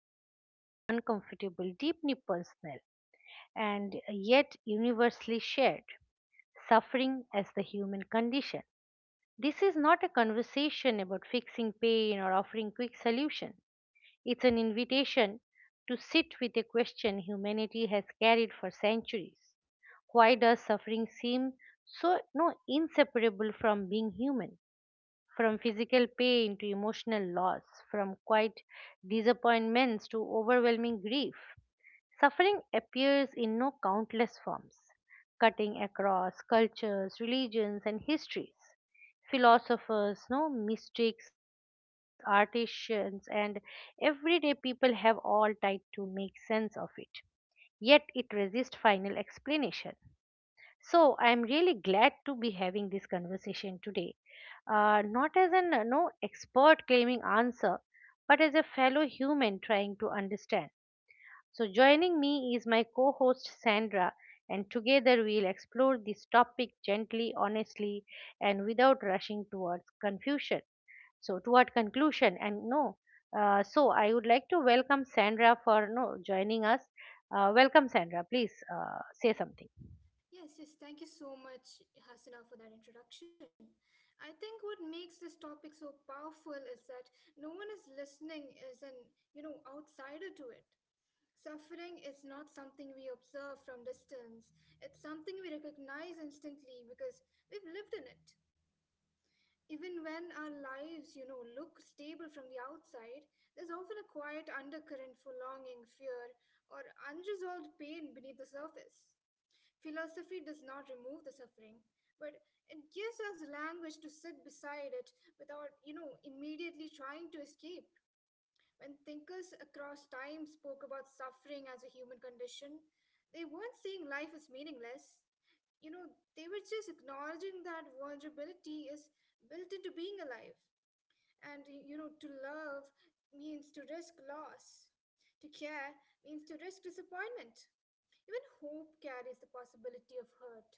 ancient, uncomfortable, deeply personal, and yet universally shared: suffering as the human condition. This is not a conversation about fixing pain or offering quick solutions, it's an invitation to sit with a question humanity has carried for centuries. Why does suffering seem so no, inseparable from being human? From physical pain to emotional loss, from quiet disappointments to overwhelming grief. Suffering appears in no countless forms, cutting across cultures, religions, and histories. Philosophers, no mystics, artisans, and everyday people have all tried to make sense of it. Yet it resists final explanation, so I'm really glad to be having this conversation today. Not as an no expert claiming answer, but as a fellow human trying to understand. So joining me is my co-host Sandra, and together we'll explore this topic gently, honestly, and without rushing towards confusion. So toward conclusion, and no. So I would like to welcome Sandra for no joining us. Welcome, Sandra, please say something. Yes, yes, thank you so much, Hasina, for that introduction. I think what makes this topic so powerful is that no one is listening as an outsider to it. Suffering is not something we observe from distance. It's something we recognize instantly because we've lived in it. Even when our lives, look stable from the outside, there's often a quiet undercurrent for longing, fear, or unresolved pain beneath the surface. Philosophy does not remove the suffering, but it gives us language to sit beside it without immediately trying to escape. When thinkers across time spoke about suffering as a human condition, they weren't saying life is meaningless. You know, they were just acknowledging that vulnerability is built into being alive. And to love means to risk loss. To care means to risk disappointment. Even hope carries the possibility of hurt.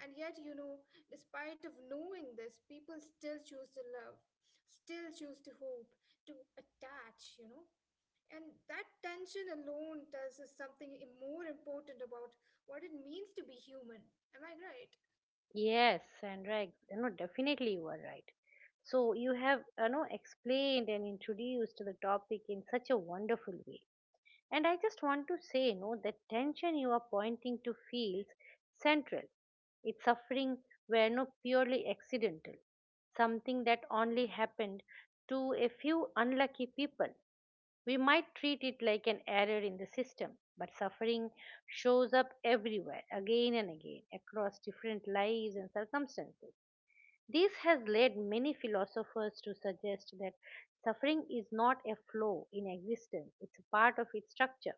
And yet, despite of knowing this, people still choose to love, still choose to hope, to attach, And that tension alone tells us something more important about what it means to be human. Am I right? Yes, Sandra, definitely you are right. So you have, you know, explained and introduced the topic in such a wonderful way. And I just want to say, no, the tension you are pointing to feels central. Its suffering were no purely accidental, something that only happened to a few unlucky people. We might treat it like an error in the system, but suffering shows up everywhere, again and again, across different lives and circumstances. This has led many philosophers to suggest that suffering is not a flaw in existence, it's a part of its structure.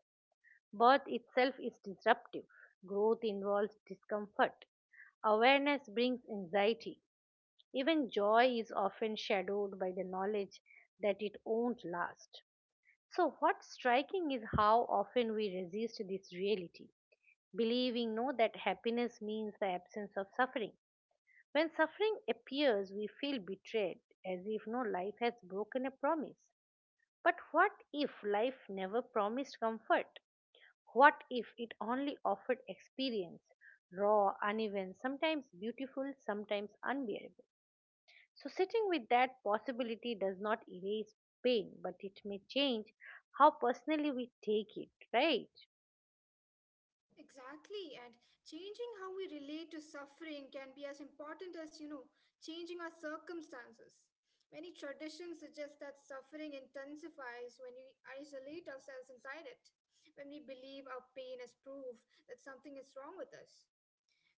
Birth itself is disruptive. Growth involves discomfort. Awareness brings anxiety. Even joy is often shadowed by the knowledge that it won't last. So what's striking is how often we resist this reality, believing no that happiness means the absence of suffering. When suffering appears, we feel betrayed, as if no life has broken a promise. But what if life never promised comfort? What if it only offered experience, raw, uneven, sometimes beautiful, sometimes unbearable? So sitting with that possibility does not erase pain, but it may change how personally we take it, right? Exactly, and changing how we relate to suffering can be as important as changing our circumstances. Many traditions suggest that suffering intensifies when we isolate ourselves inside it, when we believe our pain as proof that something is wrong with us.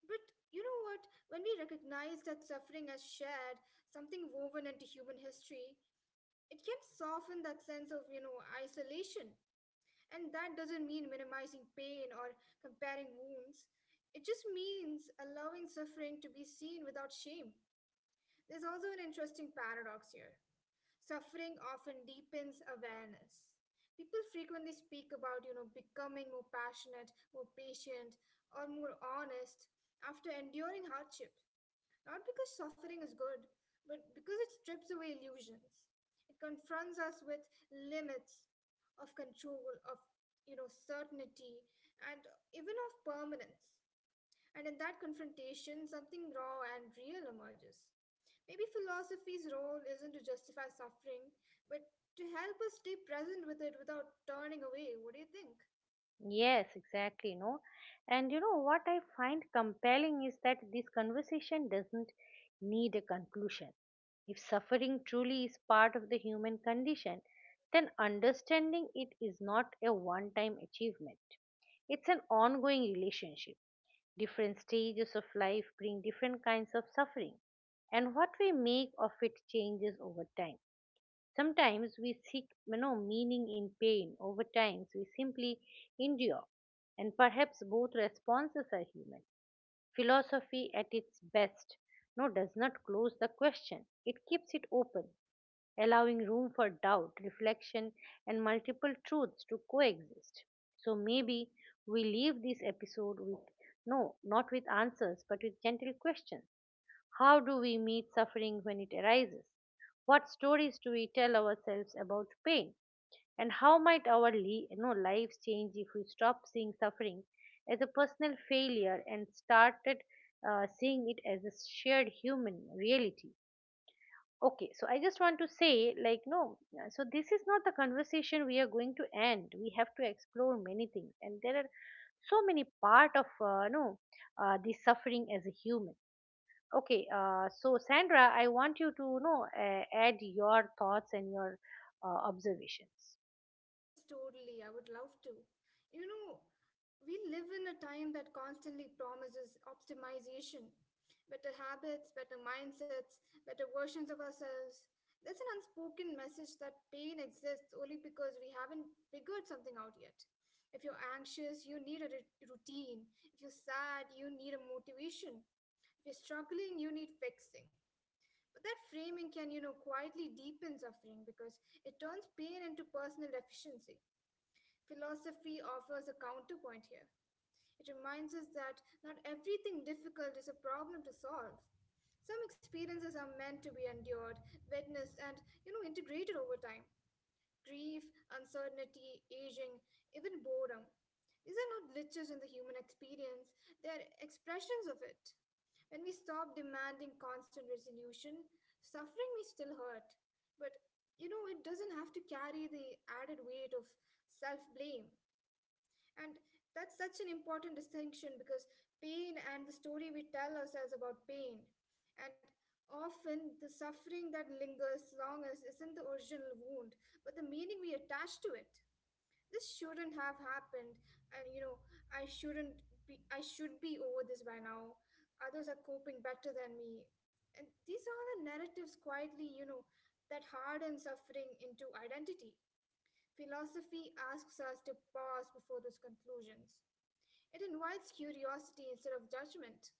But you know what? When we recognize that suffering as shared, something woven into human history, it can soften that sense of isolation. And that doesn't mean minimizing pain or comparing wounds. It just means allowing suffering to be seen without shame. There's also an interesting paradox here. Suffering often deepens awareness. People frequently speak about becoming more passionate, more patient, or more honest after enduring hardship. Not because suffering is good, but because it strips away illusions. It confronts us with limits of control, of certainty, and even of permanence. And in that confrontation, something raw and real emerges. Maybe philosophy's role isn't to justify suffering, but to help us stay present with it without turning away. What do you think? Yes, exactly, no. And you know what I find compelling is that this conversation doesn't need a conclusion. If suffering truly is part of the human condition, then understanding it is not a one time achievement. It's an ongoing relationship. Different stages of life bring different kinds of suffering, and what we make of it changes over time. Sometimes we seek, you know, meaning in pain, over times we simply endure, and perhaps both responses are human. Philosophy at its best no does not close the question. It keeps it open, allowing room for doubt, reflection, and multiple truths to coexist. So maybe we leave this episode with no, not with answers, but with gentle questions. How do we meet suffering when it arises? What stories do we tell ourselves about pain? And how might our lives change if we stop seeing suffering as a personal failure and started seeing it as a shared human reality? Okay, so I just want to say, so this is not the conversation we are going to end. We have to explore many things, and there are so many part of, no, the suffering as a human. Okay, so Sandra, I want you to, you know, add your thoughts and your observations. Yes, totally. I would love to. You know, we live in a time that constantly promises optimization, better habits, better mindsets, better versions of ourselves. That's an unspoken message that pain exists only because we haven't figured something out yet. If you're anxious, you need a routine. If you're sad, you need a motivation. If you're struggling, you need fixing. But that framing can quietly deepen suffering because it turns pain into personal deficiency. Philosophy offers a counterpoint here. It reminds us that not everything difficult is a problem to solve. Some experiences are meant to be endured, witnessed, and integrated over time. Grief, uncertainty, aging, even boredom. These are not glitches in the human experience, they are expressions of it. When we stop demanding constant resolution, suffering may still hurt, but it doesn't have to carry the added weight of self blame. And that's such an important distinction because pain and the story we tell ourselves about pain. And often the suffering that lingers longest isn't the original wound, but the meaning we attach to it. This shouldn't have happened, and I shouldn't be, I should be over this by now. Others are coping better than me. And these are all the narratives quietly, that harden suffering into identity. Philosophy asks us to pause before those conclusions. It invites curiosity instead of judgment.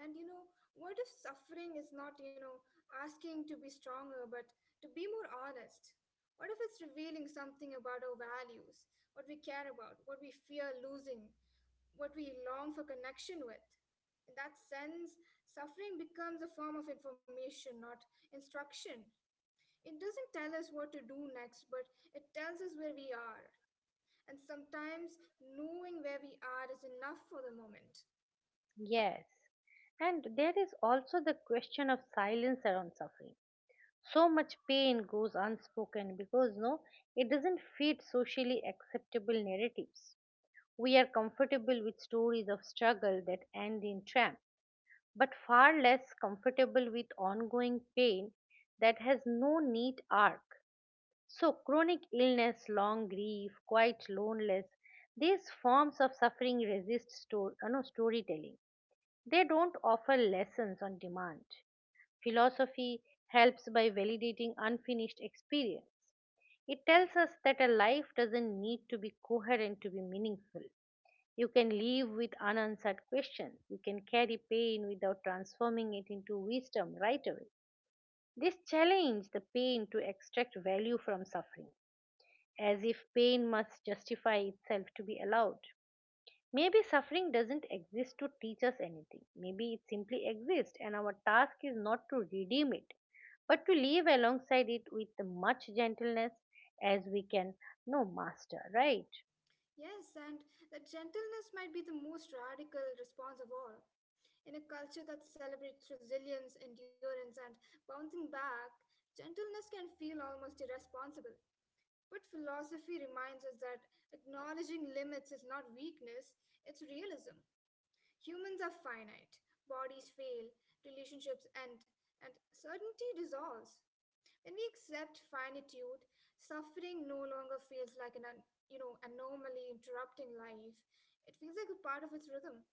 And what if suffering is not asking to be stronger, but to be more honest? What if it's revealing something about our values, what we care about, what we fear losing, what we long for connection with? In that sense, suffering becomes a form of information, not instruction. It doesn't tell us what to do next, but it tells us where we are. And sometimes knowing where we are is enough for the moment. Yes, and there is also the question of silence around suffering. So much pain goes unspoken because it doesn't fit socially acceptable narratives. We are comfortable with stories of struggle that end in triumph, but far less comfortable with ongoing pain that has no neat arc. So, chronic illness, long grief, quite loneliness, these forms of suffering resist storytelling. They don't offer lessons on demand. Philosophy helps by validating unfinished experience. It tells us that a life doesn't need to be coherent to be meaningful. You can live with unanswered questions. You can carry pain without transforming it into wisdom right away. This challenge the pain to extract value from suffering, as if pain must justify itself to be allowed. Maybe suffering doesn't exist to teach us anything. Maybe it simply exists, and our task is not to redeem it, but to live alongside it with much gentleness as we can no master, right? Yes, and that gentleness might be the most radical response of all. In a culture that celebrates resilience, endurance, and bouncing back, gentleness can feel almost irresponsible. But philosophy reminds us that acknowledging limits is not weakness, it's realism. Humans are finite, bodies fail, relationships end, and certainty dissolves. When we accept finitude, suffering no longer feels like an anomaly interrupting life. It feels like a part of its rhythm.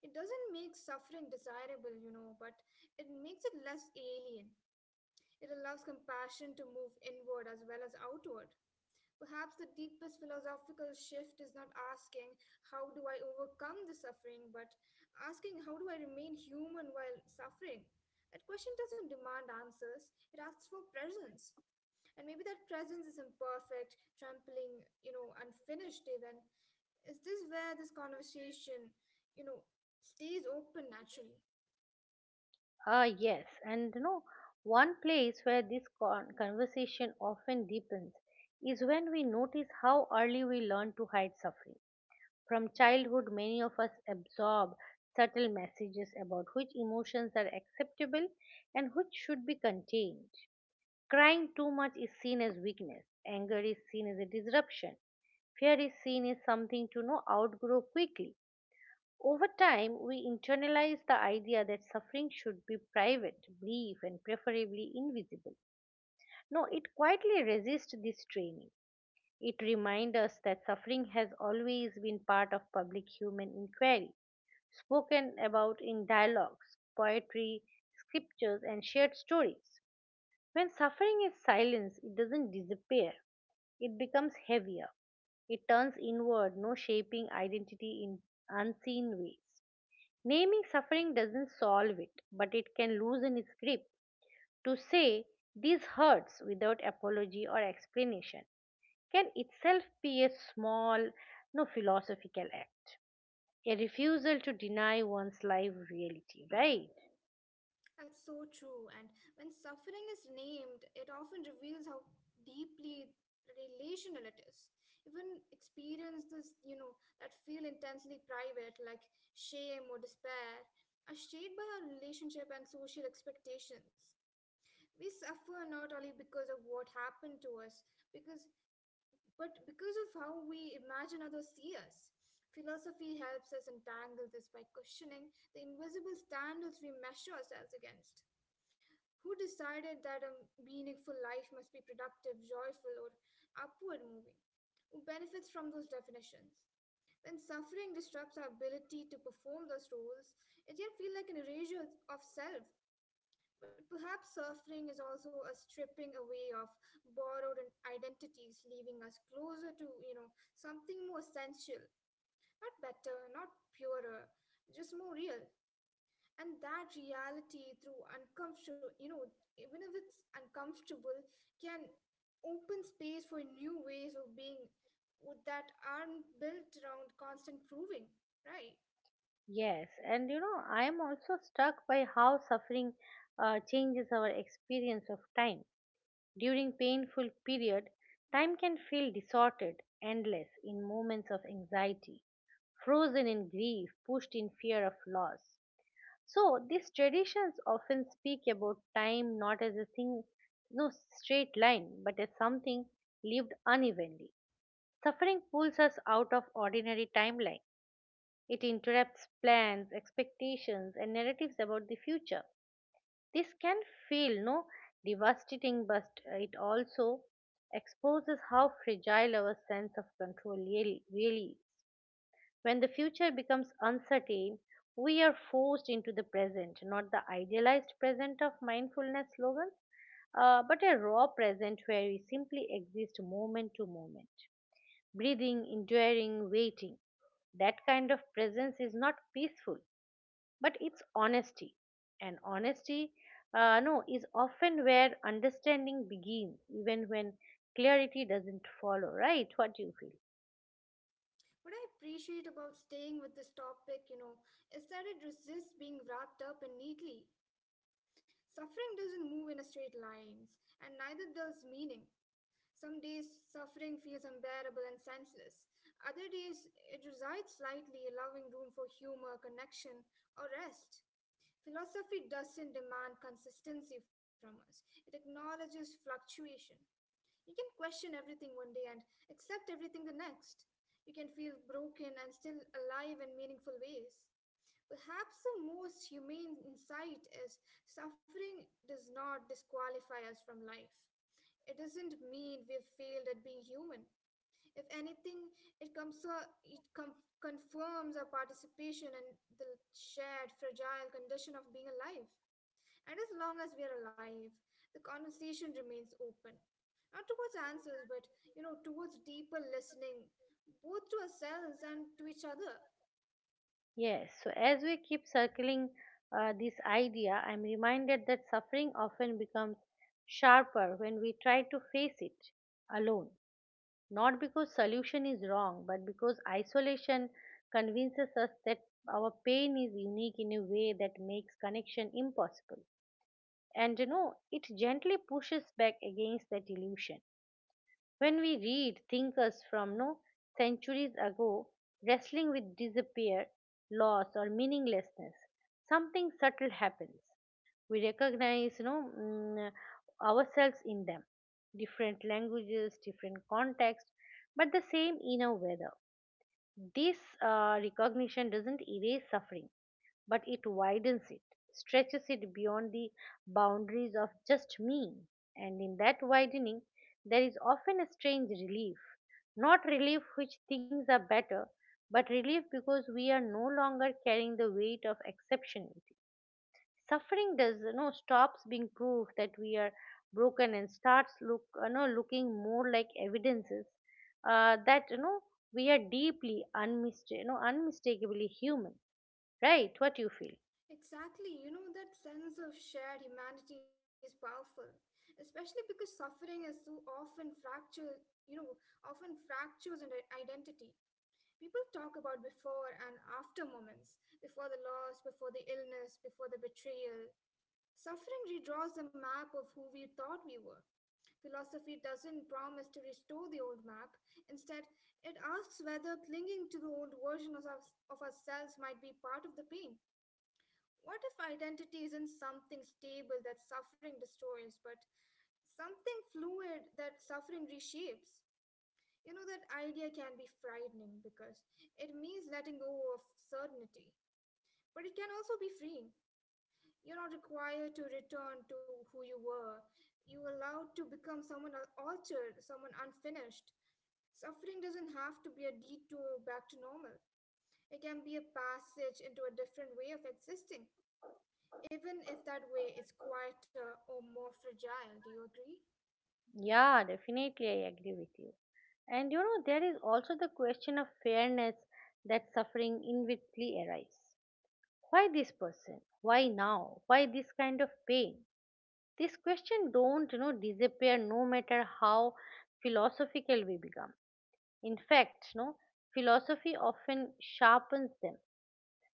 It doesn't make suffering desirable, but it makes it less alien. It allows compassion to move inward as well as outward. Perhaps the deepest philosophical shift is not asking, how do I overcome the suffering, but asking, how do I remain human while suffering? That question doesn't demand answers, it asks for presence, and maybe that presence is imperfect, trampling, unfinished, even. Is this where this conversation, you know stays open naturally? Ah, yes, and you know, one place where conversation often deepens is when we notice how early we learn to hide suffering. From childhood, many of us absorb subtle messages about which emotions are acceptable and which should be contained. Crying too much is seen as weakness, anger is seen as a disruption, fear is seen as something to know outgrow quickly. Over time, we internalize the idea that suffering should be private, brief, and preferably invisible. No, it quietly resists this training. It reminds us that suffering has always been part of public human inquiry, spoken about in dialogues, poetry, scriptures, and shared stories. When suffering is silenced, it doesn't disappear, it becomes heavier. It turns inward, no shaping identity in unseen ways. Naming suffering doesn't solve it, but it can loosen its grip. To say this hurts without apology or explanation can itself be a small, no philosophical act, a refusal to deny one's life reality, right? That's so true, and when suffering is named, it often reveals how deeply relational it is. Even experiences, that feel intensely private, like shame or despair, are shaped by our relationship and social expectations. We suffer not only because of what happened to us, because but because of how we imagine others see us. Philosophy helps us untangle this by questioning the invisible standards we measure ourselves against. Who decided that a meaningful life must be productive, joyful, or upward moving? Who benefits from those definitions? When suffering disrupts our ability to perform those roles, it can feel like an erasure of self, but perhaps suffering is also a stripping away of borrowed identities, leaving us closer to, something more essential, not better, not purer, just more real. And that reality, through uncomfortable, you know, even if it's uncomfortable, can open space for new ways of being that aren't built around constant proving, right? Yes, and you know, I am also struck by how suffering changes our experience of time. During painful period, time can feel distorted, endless in moments of anxiety, frozen in grief, pushed in fear of loss. So these traditions often speak about time not as a thing, no straight line, but as something lived unevenly. Suffering pulls us out of ordinary timeline. It interrupts plans, expectations, and narratives about the future. This can feel no devastating, but it also exposes how fragile our sense of control really is. When the future becomes uncertain, we are forced into the present, not the idealized present of mindfulness slogans, but a raw present where we simply exist moment to moment, breathing, enduring, waiting. That kind of presence is not peaceful, but it's honesty. And honesty, no, is often where understanding begins, even when clarity doesn't follow, right? What do you feel? What I appreciate about staying with this topic, is that it resists being wrapped up in neatly. Suffering doesn't move in a straight lines, and neither does meaning. Some days suffering feels unbearable and senseless. Other days it resides lightly, allowing room for humor, connection, or rest. Philosophy doesn't demand consistency from us. It acknowledges fluctuation. You can question everything one day and accept everything the next. You can feel broken and still alive in meaningful ways. Perhaps the most humane insight is suffering does not disqualify us from life. It doesn't mean we've failed at being human. If anything, it comes confirms our participation in the shared fragile condition of being alive. And as long as we are alive, the conversation remains open. Not towards answers, but towards deeper listening, both to ourselves and to each other. Yes, so as we keep circling this idea, I'm reminded that suffering often becomes sharper when we try to face it alone. Not because solution is wrong, but because isolation convinces us that our pain is unique in a way that makes connection impossible, and you know it gently pushes back against that illusion. When we read thinkers from no centuries ago wrestling with disappear, loss, or meaninglessness, something subtle happens. We recognize, ourselves in them. Different languages, different contexts, but the same inner weather. This recognition doesn't erase suffering, but it widens it, stretches it beyond the boundaries of just me. And in that widening, there is often a strange relief. Not relief which things are better, but relief because we are no longer carrying the weight of exceptionality. Suffering does you know stops being proof that we are broken and starts looking more like evidences that we are deeply unmistakably human. Right? What you feel? Exactly, that sense of shared humanity is powerful, especially because suffering is so often fractured, often fractures and identity. People talk about before and after moments, before the loss, before the illness, before the betrayal. Suffering redraws the map of who we thought we were. Philosophy doesn't promise to restore the old map. Instead, it asks whether clinging to the old version of ourselves might be part of the pain. What if identity isn't something stable that suffering destroys, but something fluid that suffering reshapes? That idea can be frightening because it means letting go of certainty, but it can also be freeing. You're not required to return to who you were, you are allowed to become someone altered, someone unfinished. Suffering doesn't have to be a detour back to normal. It can be a passage into a different way of existing, even if that way is quieter or more fragile. Do you agree? Yeah, definitely I agree with you. And you know, there is also the question of fairness that suffering inevitably arises. Why this person? Why now? Why this kind of pain? These questions don't, you know, disappear no matter how philosophical we become. In fact, no, philosophy often sharpens them.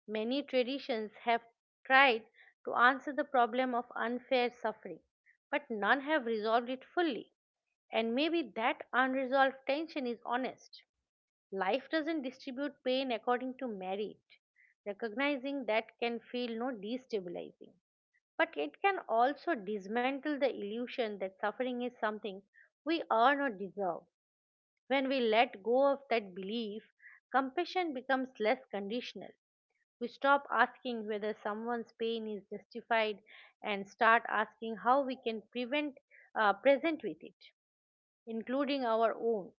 Many traditions have tried to answer the problem of unfair suffering, but none have resolved it fully. And maybe that unresolved tension is honest. Life doesn't distribute pain according to merit. Recognizing that can feel no destabilizing. But it can also dismantle the illusion that suffering is something we earn or deserve. When we let go of that belief, compassion becomes less conditional. We stop asking whether someone's pain is justified and start asking how we can prevent present with it, including our own.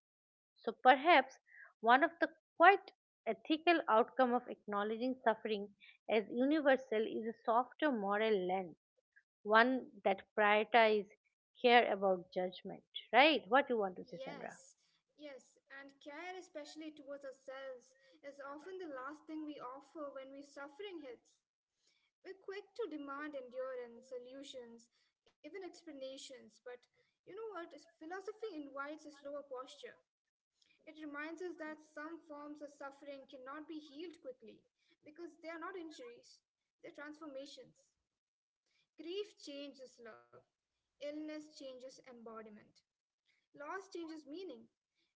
So perhaps one of the quite ethical outcome of acknowledging suffering as universal is a softer moral lens, one that prioritizes care about judgment, right? What you want to say, Sandra? Yes, yes, and care, especially towards ourselves, is often the last thing we offer when we suffering hits. We're quick to demand endurance, solutions, even explanations, but you know what? Philosophy invites a slower posture. It reminds us that some forms of suffering cannot be healed quickly because they are not injuries, they're transformations. Grief changes love, illness changes embodiment, loss changes meaning.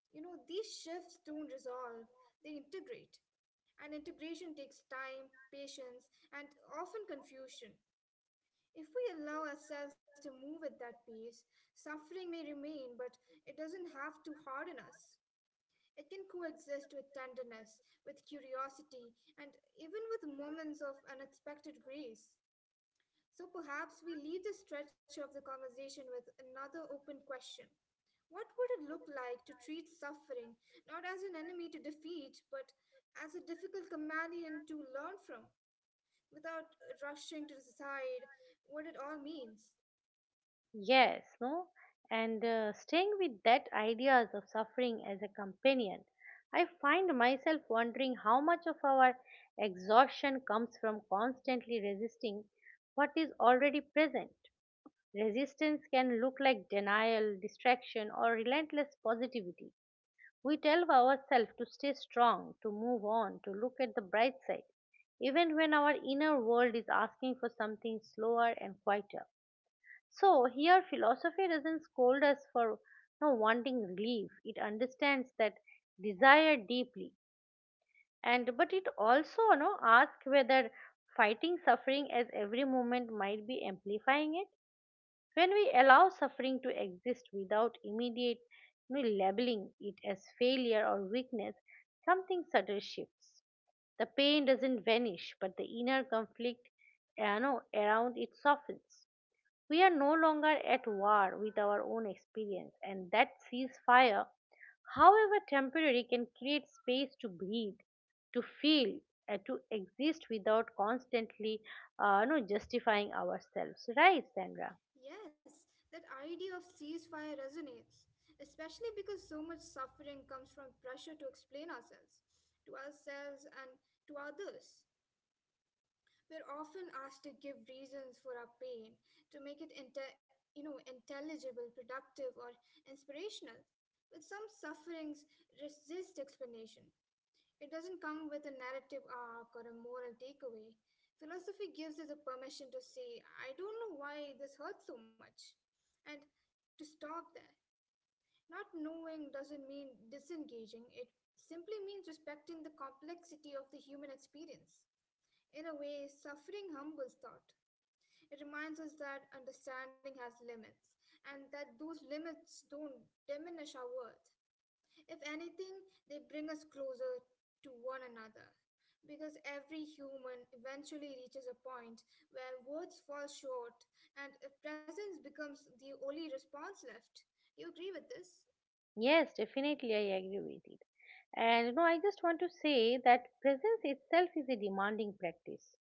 These shifts don't resolve, they integrate. And integration takes time, patience, and often confusion. If we allow ourselves to move at that pace, suffering may remain, but it doesn't have to harden us. It can coexist with tenderness, with curiosity, and even with moments of unexpected grace. So perhaps we leave the stretch of the conversation with another open question. What would it look like to treat suffering not as an enemy to defeat, but as a difficult companion to learn from, without rushing to decide what it all means? Yes no and staying with that ideas of suffering as a companion, I find myself wondering how much of our exhaustion comes from constantly resisting what is already present. Resistance can look like denial, distraction, or relentless positivity. We tell ourselves to stay strong, to move on, to look at the bright side, even when our inner world is asking for something slower and quieter. So here philosophy doesn't scold us for no wanting relief. It understands that desire deeply, and but it also no asks whether fighting suffering as every moment might be amplifying it when we allow suffering to exist without immediate labeling it as failure or weakness, something subtle shifts. The pain doesn't vanish, but the inner conflict around it softens. We are no longer at war with our own experience, and that ceasefire, however temporary, can create space to breathe, to feel, and to exist without constantly justifying ourselves. Right, Sandra? Yes, that idea of ceasefire resonates, especially because so much suffering comes from pressure to explain ourselves, to ourselves and to others. We're often asked to give reasons for our pain, to make it intelligible, productive, or inspirational. But some sufferings resist explanation, it doesn't come with a narrative arc or a moral takeaway. Philosophy gives us a permission to say, I don't know why this hurts so much, and to stop there. Not knowing doesn't mean disengaging, it simply means respecting the complexity of the human experience. In a way, suffering humbles thought. It reminds us that understanding has limits, and that those limits don't diminish our worth. If anything, they bring us closer to one another. Because every human eventually reaches a point where words fall short and presence becomes the only response left. Do you agree with this? Yes, definitely, I agree with it. And you know, I just want to say that presence itself is a demanding practice.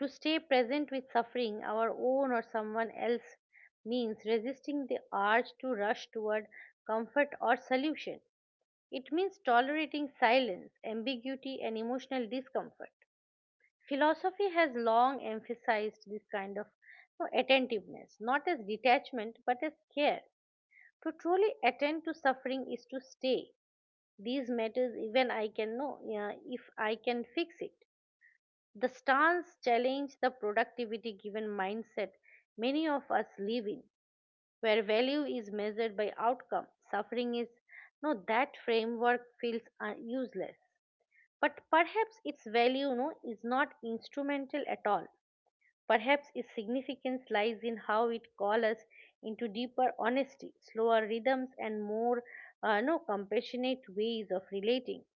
To stay present with suffering, our own or someone else, means resisting the urge to rush toward comfort or solution. It means tolerating silence, ambiguity, and emotional discomfort. Philosophy has long emphasized this kind of attentiveness, not as detachment, but as care. To truly attend to suffering is to stay these matters even I can know if I can fix it. The stance challenge the productivity given mindset many of us live in, where value is measured by outcome. Suffering is no that framework feels useless. But perhaps its value no is not instrumental at all. Perhaps its significance lies in how it calls us into deeper honesty, slower rhythms, and more no compassionate ways of relating.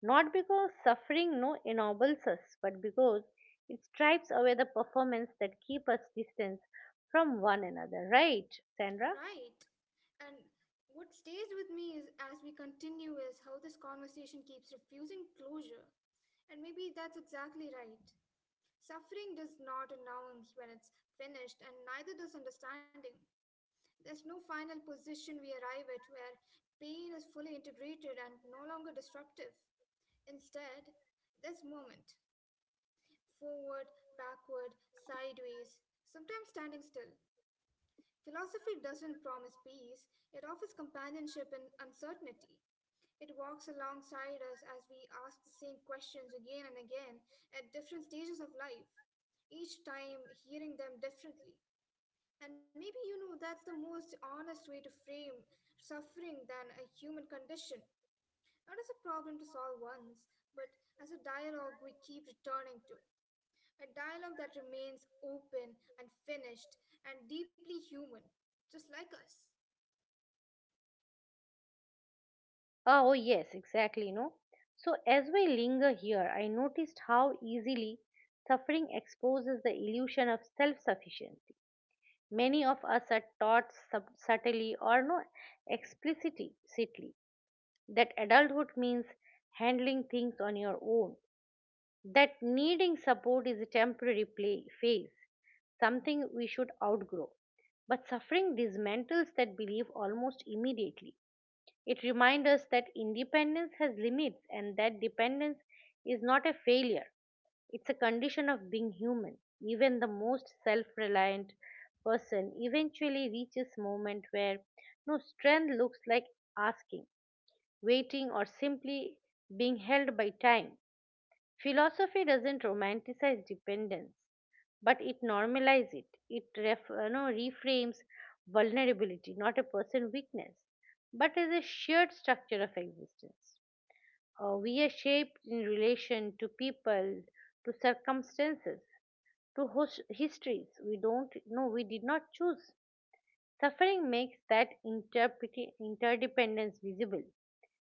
Not because suffering no ennobles us, but because it stripes away the performance that keep us distant from one another, right, Sandra? Right. And what stays with me is as we continue is how this conversation keeps refusing closure. And maybe that's exactly right. Suffering does not announce when it's finished, and neither does understanding. There's no final position we arrive at where pain is fully integrated and no longer disruptive. Instead, there's movement forward, backward, sideways, sometimes standing still. Philosophy doesn't promise peace, it offers companionship in uncertainty. It walks alongside us as we ask the same questions again and again at different stages of life, each time hearing them differently. And maybe you know that's the most honest way to frame suffering than a human condition. Not as a problem to solve once, but as a dialogue we keep returning to. A dialogue that remains open and finished and deeply human, just like us. Ah, oh yes, exactly, no. So as we linger here, I noticed how easily suffering exposes the illusion of self-sufficiency. Many of us are taught subtly or no explicitly that adulthood means handling things on your own that needing support is a temporary play, phase, something we should outgrow. But suffering dismantles that belief almost immediately. It reminds us that independence has limits and that dependence is not a failure. It's a condition of being human. Even the most self reliant person eventually reaches moment where no strength looks like asking, waiting, or simply being held by time philosophy doesn't romanticize dependence but it normalizes it it reframes vulnerability not a person weakness but as a shared structure of existence we are shaped in relation to people to circumstances to histories we don't know we did not choose suffering makes that interdependence visible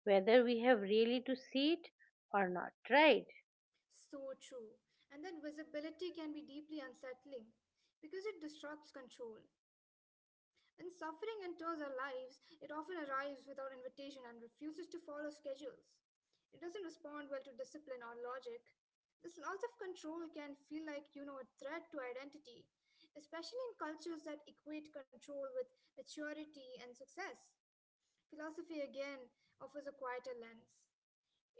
whether we have really to see it or not right. So true. And that visibility can be deeply unsettling because it disrupts control. When suffering enters our lives, it often arrives without invitation and refuses to follow schedules. It doesn't respond well to discipline or logic. This loss of control can feel like, you know, a threat to identity, especially in cultures that equate control with maturity and success. Philosophy again offers a quieter lens.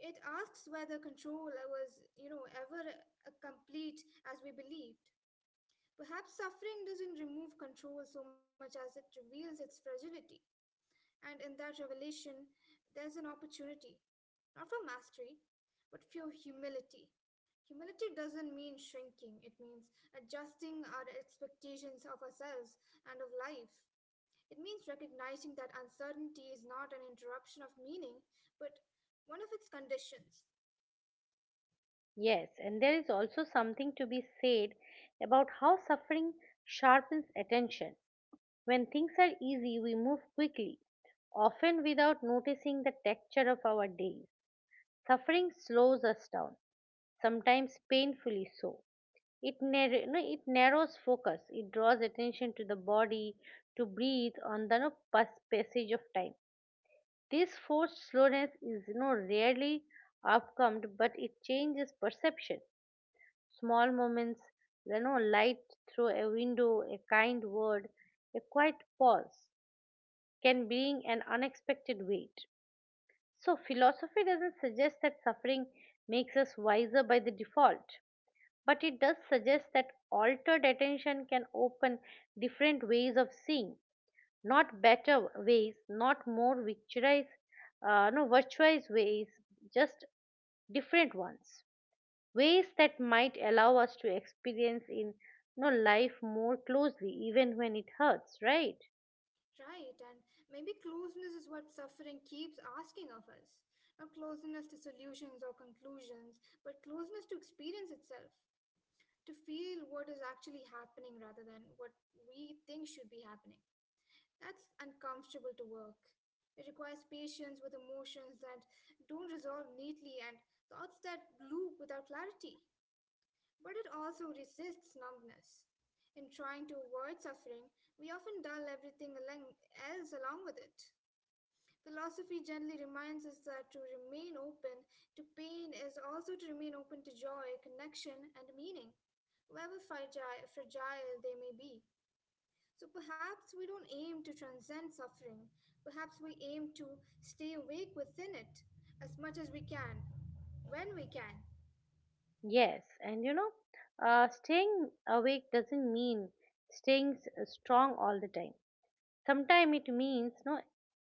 It asks whether control was, you know, ever a complete as we believed. Perhaps suffering doesn't remove control so much as it reveals its fragility. And in that revelation, there's an opportunity not for mastery, but for humility. Humility doesn't mean shrinking, it means adjusting our expectations of ourselves and of life. It means recognizing that uncertainty is not an interruption of meaning, but one of its conditions. Yes, and there is also something to be said about how suffering sharpens attention. When things are easy, we move quickly, often without noticing the texture of our days. Suffering slows us down, sometimes painfully so. It, narr- no, it narrows focus, it draws attention to the body, to breathe on the no, passage of time. This forced slowness is no rarely outcomed, but it changes perception small moments, light through a window, a kind word, a quiet pause can bring an unexpected weight. So, philosophy doesn't suggest that suffering makes us wiser by the default, but it does suggest that altered attention can open different ways of seeing, not better ways, not more victorized, no, virtuous ways, just different ones ways that might allow us to experience in life more closely even when it hurts right. Right, and maybe closeness is what suffering keeps asking of us. Not closeness to solutions or conclusions, but closeness to experience itself, to feel what is actually happening rather than what we think should be happening. That's uncomfortable to work. It requires patience with emotions that don't resolve neatly and thoughts that loop without clarity. But it also resists numbness. In trying to avoid suffering, we often dull else along with it. Philosophy gently reminds us that to remain open to pain is also to remain open to joy, connection, and meaning, however fragile they may be. So perhaps we don't aim to transcend suffering. Perhaps we aim to stay awake within it as much as we can, when we can. Yes, and staying awake doesn't mean staying strong all the time sometimes it means no.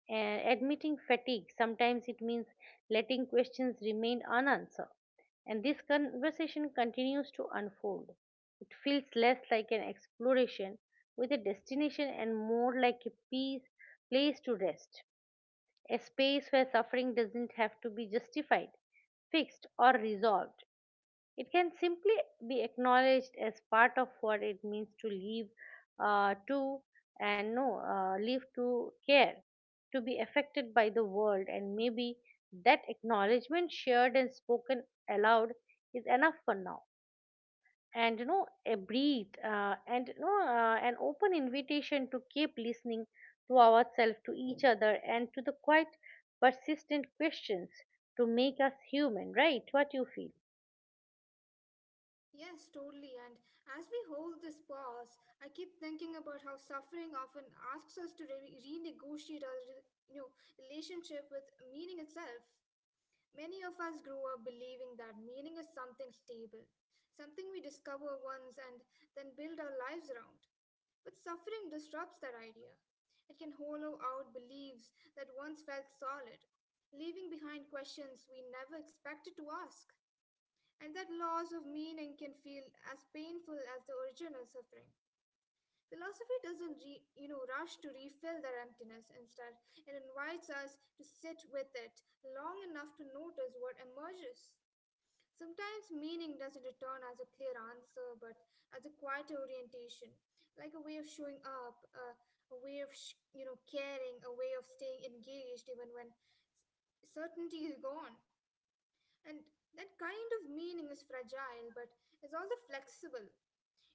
Admitting fatigue, sometimes it means letting questions remain unanswered. And this conversation continues to unfold. It feels less like an exploration with a destination and more like a peace, place to rest, a space where suffering doesn't have to be justified, fixed, or resolved. It can simply be acknowledged as part of what it means to live, to and no, live to care, to be affected by the world, and maybe that acknowledgement, shared and spoken aloud, is enough for now. And a breathe, an open invitation to keep listening to ourselves, to each other, and to the quiet, persistent questions to make us human. Right? What you feel? Yes, totally. And as we hold this pause, I keep thinking about how suffering often asks us to renegotiate our you know, relationship with meaning itself. Many of us grow up believing that meaning is something stable, something we discover once and then build our lives around. But suffering disrupts that idea. It can hollow out beliefs that once felt solid, leaving behind questions we never expected to ask. And that loss of meaning can feel as painful as the original suffering. Philosophy doesn't, you know, rush to refill that emptiness. Instead, it invites us to sit with it long enough to notice what emerges. Sometimes meaning doesn't return as a clear answer, but as a quiet orientation, like a way of showing up, a way of you know caring, a way of staying engaged even when certainty is gone. And that kind of meaning is fragile, but is also flexible.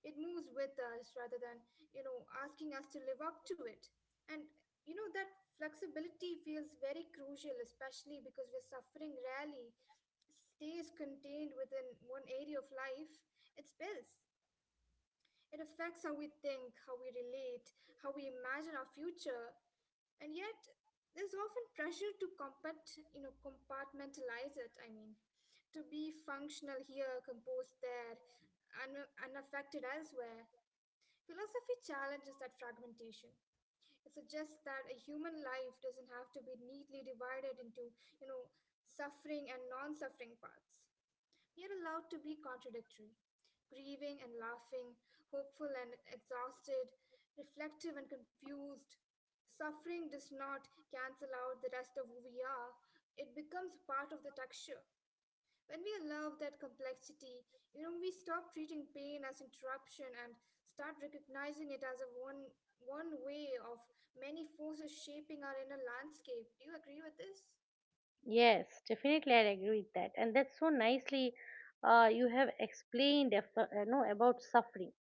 It moves with us rather than you know asking us to live up to it. And you know that flexibility feels very crucial, especially because we're suffering rarely stays contained within one area of life, it spills. It affects how we think, how we relate, how we imagine our future, and yet there's often pressure to you know, compartmentalize it. I mean, to be functional here, composed there, unaffected elsewhere. Philosophy challenges that fragmentation. It suggests that a human life doesn't have to be neatly divided into, you know, suffering and non-suffering parts. You're allowed to be contradictory, grieving and laughing, hopeful and exhausted, reflective and confused. Suffering does not cancel out the rest of who we are, it becomes part of the texture. When we allow that complexity, you know, we stop treating pain as interruption and start recognizing it as a one one way of many forces shaping our inner landscape. Do you agree with this? Yes, definitely, I agree with that, and that's so nicely you have explained no about suffering.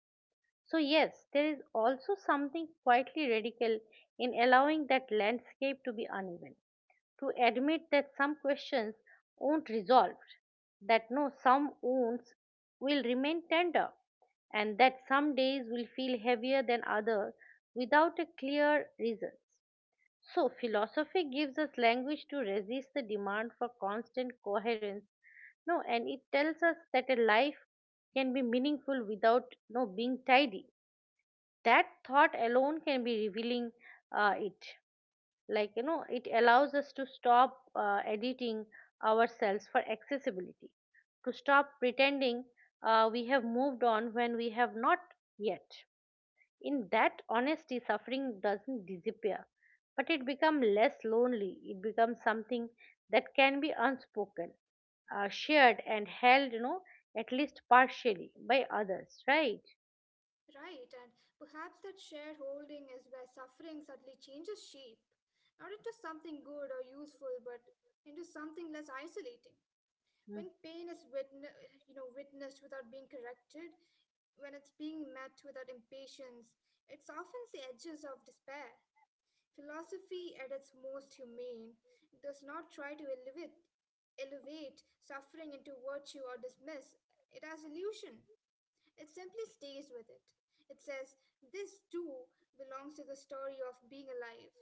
So yes, there is also something quietly radical in allowing that landscape to be uneven, to admit that some questions won't resolve, that no some wounds will remain tender, and that some days will feel heavier than others without a clear reasons. So, philosophy gives us language to resist the demand for constant coherence. No, and it tells us that a life can be meaningful without no being tidy. That thought alone can be revealing it. Like it allows us to stop editing ourselves for accessibility, to stop pretending we have moved on when we have not yet. In that honesty, suffering doesn't disappear, but it becomes less lonely. It becomes something that can be unspoken, shared, and held, at least partially by others, right? Right, and perhaps that shareholding is where suffering suddenly changes shape, not into something good or useful, but into something less isolating. Mm. When pain is you know witnessed without being corrected, when it's being met without impatience, it softens the edges of despair. Philosophy, at its most humane, does not try to elevate suffering into virtue or dismiss it as illusion. It simply stays with it. It says, this too belongs to the story of being alive.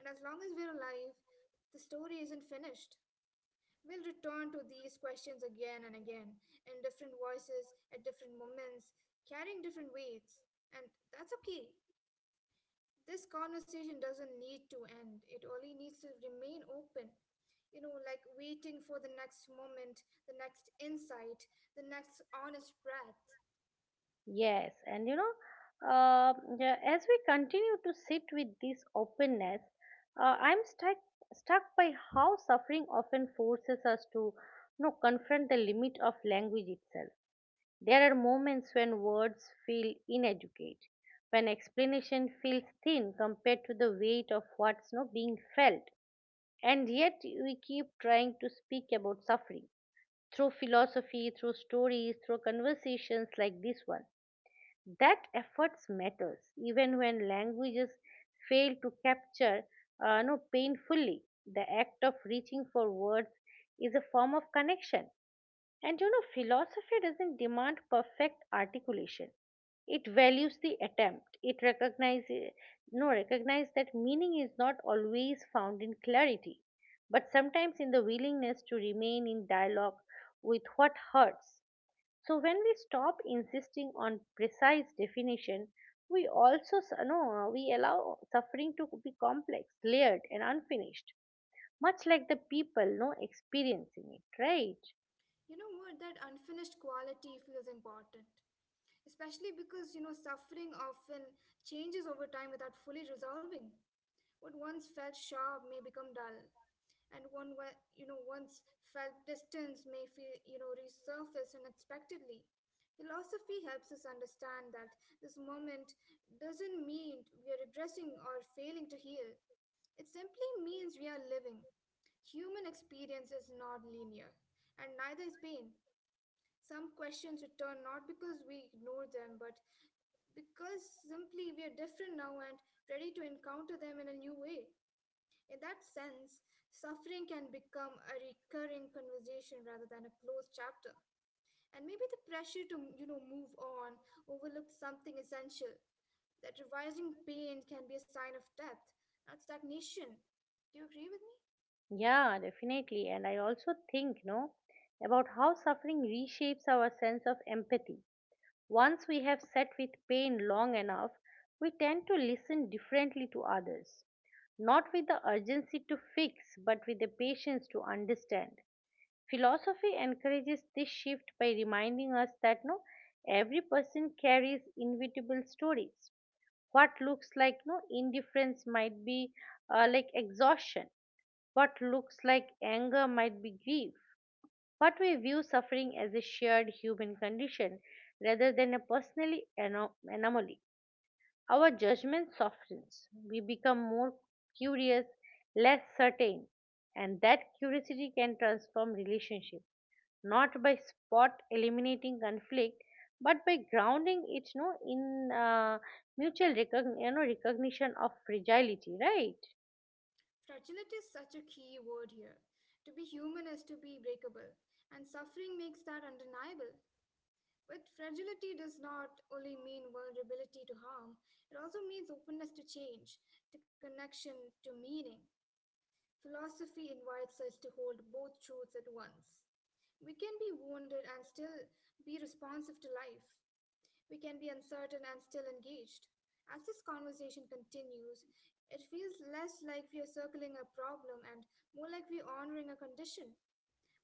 And as long as we're alive, the story isn't finished. We'll return to these questions again and again, in different voices, at different moments, carrying different weights. And that's okay. This conversation doesn't need to end, it only needs to remain open. You know, like waiting for the next moment, the next insight, the next honest breath. Yes, and yeah, as we continue to sit with this openness, I'm stuck by how suffering often forces us to confront the limit of language itself. There are moments when words feel inadequate, when explanation feels thin compared to the weight of what's no being felt, and yet we keep trying to speak about suffering through philosophy, through stories, through conversations like this one. That efforts matters even when languages fail to capture no painfully. The act of reaching for words is a form of connection and philosophy doesn't demand perfect articulation. It values the attempt. It recognizes no recognize that meaning is not always found in clarity, but sometimes in the willingness to remain in dialogue with what hurts. So when we stop insisting on precise definition, we also s- no, we allow suffering to be complex, layered, and unfinished, much like the people no experiencing it, right? You know what? That unfinished quality feels important, especially because, you know, suffering often changes over time without fully resolving. What once felt sharp may become dull, and you know, once felt distance may feel, you know, resurface unexpectedly. Philosophy helps us understand that this moment doesn't mean we are regressing or failing to heal. It simply means we are living. Human experience is not linear, and neither is pain. Some questions return not because we ignore them, but because simply we are different now and ready to encounter them in a new way. In that sense, suffering can become a recurring conversation rather than a closed chapter. And maybe the pressure to, you know, move on overlooks something essential that revising pain can be a sign of depth, not stagnation. Do you agree with me? Yeah, definitely. And I also think, about how suffering reshapes our sense of empathy. Once we have sat with pain long enough, we tend to listen differently to others, not with the urgency to fix, but with the patience to understand. Philosophy encourages this shift by reminding us that no, every person carries inevitable stories. What looks like no indifference might be like exhaustion what looks like anger might be grief. What we view suffering as a shared human condition rather than a personally anomaly. Our judgment softens. We become more curious, less certain, and that curiosity can transform relationships, not by spot eliminating conflict, but by grounding it you in mutual recognition of fragility, right? Fragility is such a key word here. To be human is to be breakable, and suffering makes that undeniable. But fragility does not only mean vulnerability to harm, it also means openness to change, to connection, to meaning. Philosophy invites us to hold both truths at once. We can be wounded and still be responsive to life. We can be uncertain and still engaged. As this conversation continues, it feels less like we are circling a problem and more like we are honoring a condition,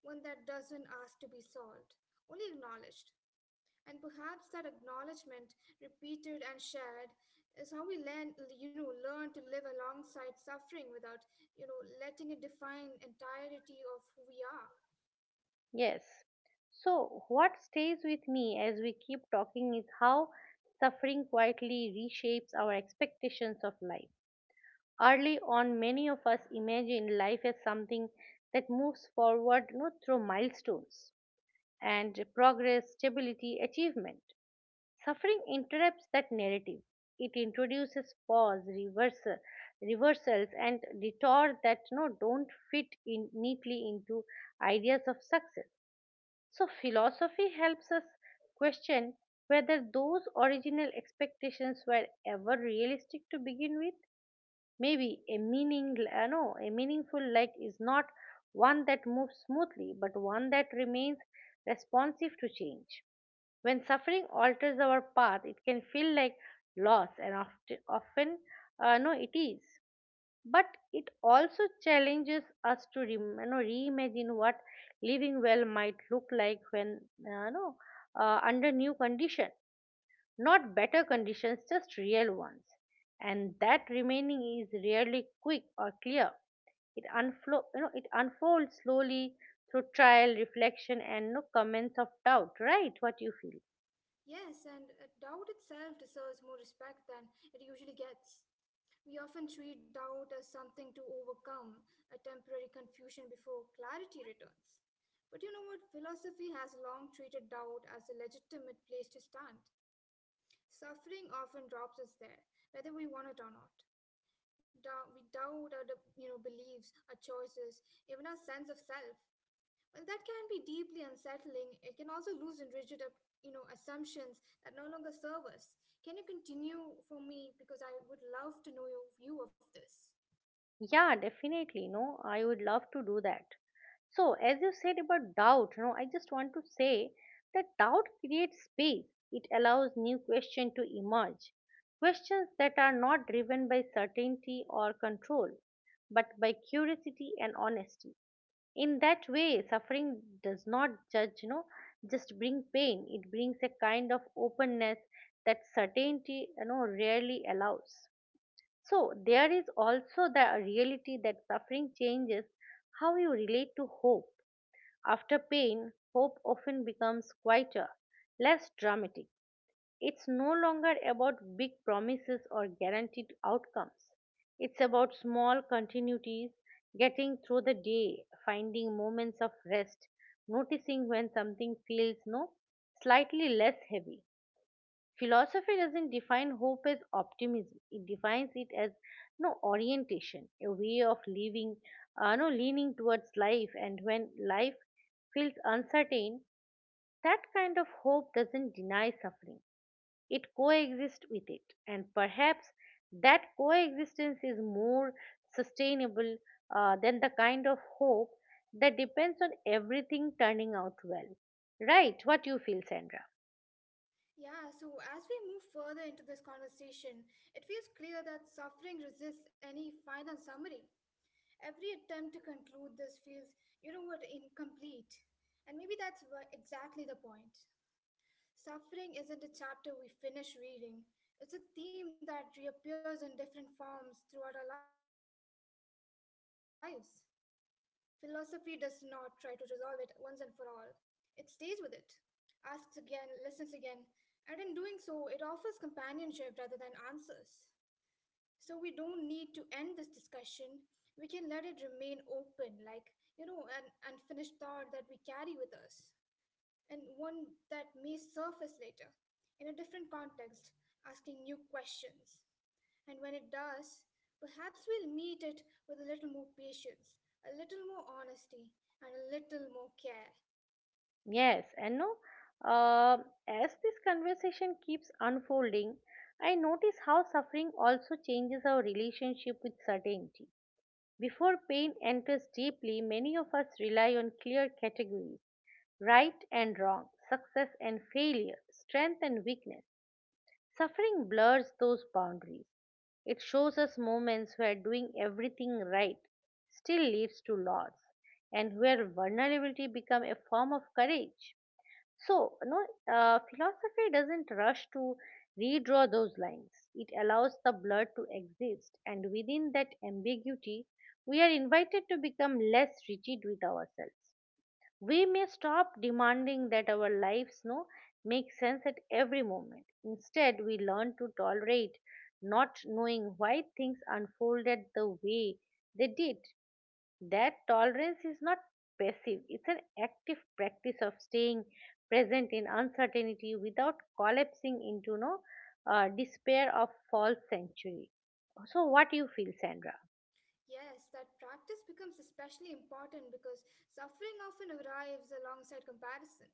one that doesn't ask to be solved, only acknowledged. And perhaps that acknowledgement, repeated and shared, is how we learn, you know, learn to live alongside suffering without, you know, letting it define entirety of who we are. Yes. So, what stays with me as we keep talking is how suffering quietly reshapes our expectations of life. Early on, many of us imagine life as something that moves forward not through milestones and progress, stability, achievement. Suffering interrupts that narrative. It introduces pause, reversals, and detour that no don't fit in neatly into ideas of success so, philosophy helps us question whether those original expectations were ever realistic to begin with. Maybe a meaning, no, a meaningful life is not one that moves smoothly, but one that remains responsive to change. When suffering alters our path, it can feel like loss, and often, no, it is but it also challenges us to reimagine what living well might look like when uh, you know under new condition not better conditions just real ones and that remaining is rarely quick or clear it unflo- you know it unfolds slowly through trial reflection and no comments of doubt right what you feel. Yes, and doubt itself deserves more respect than it usually gets. We often treat doubt as something to overcome, a temporary confusion before clarity returns. But you know what? Philosophy has long treated doubt as a legitimate place to stand. Suffering often drops us there, whether we want it or not. We doubt our you know, beliefs, our choices, even our sense of self. Well, that can be deeply unsettling, it can also loosen rigid you know, assumptions that no longer serve us. Can you continue for me? Because I would love to know your view of this. Yeah, definitely. No, I would love to do that. So, as you said about doubt, no, I just want to say that doubt creates space. It allows new questions to emerge. Questions that are not driven by certainty or control, but by curiosity and honesty. In that way, suffering does not judge, just bring pain. It brings a kind of openness that certainty, rarely allows. So, there is also the reality that suffering changes how you relate to hope. After pain, hope often becomes quieter, less dramatic. It's no longer about big promises or guaranteed outcomes. It's about small continuities, getting through the day, finding moments of rest, noticing when something feels no slightly less heavy. Philosophy doesn't define hope as optimism. It defines it as no orientation, a way of living, no leaning towards life. And when life feels uncertain, that kind of hope doesn't deny suffering. It coexists with it, and perhaps that coexistence is more sustainable than the kind of hope that depends on everything turning out well. Right? What you feel, Sandra? Yeah, so as we move further into this conversation, it feels clear that suffering resists any final summary. Every attempt to conclude this feels, you know what, incomplete. And maybe that's exactly the point. Suffering isn't a chapter we finish reading, it's a theme that reappears in different forms throughout our lives. Philosophy does not try to resolve it once and for all, it stays with it, asks again, listens again, and in doing so, it offers companionship rather than answers. So we don't need to end this discussion. We can let it remain open, like, you know, an unfinished thought that we carry with us, and one that may surface later in a different context, asking new questions. And when it does, perhaps we'll meet it with a little more patience, a little more honesty, and a little more care. Yes, and no, uh, as this conversation keeps unfolding, I notice how suffering also changes our relationship with certainty. Before pain enters deeply, many of us rely on clear categories right and wrong, success and failure, strength and weakness. Suffering blurs those boundaries. It shows us moments where doing everything right still leads to loss, and where vulnerability becomes a form of courage. So, no, Philosophy doesn't rush to redraw those lines. It allows the blur to exist, and within that ambiguity, we are invited to become less rigid with ourselves. We may stop demanding that our lives no make sense at every moment. Instead, we learn to tolerate not knowing why things unfolded the way they did. That tolerance is not passive, it's an active practice of staying present in uncertainty without collapsing into no despair of false sanctuary. So, what you feel, Sandra? Yes, that practice becomes especially important because suffering often arrives alongside comparison.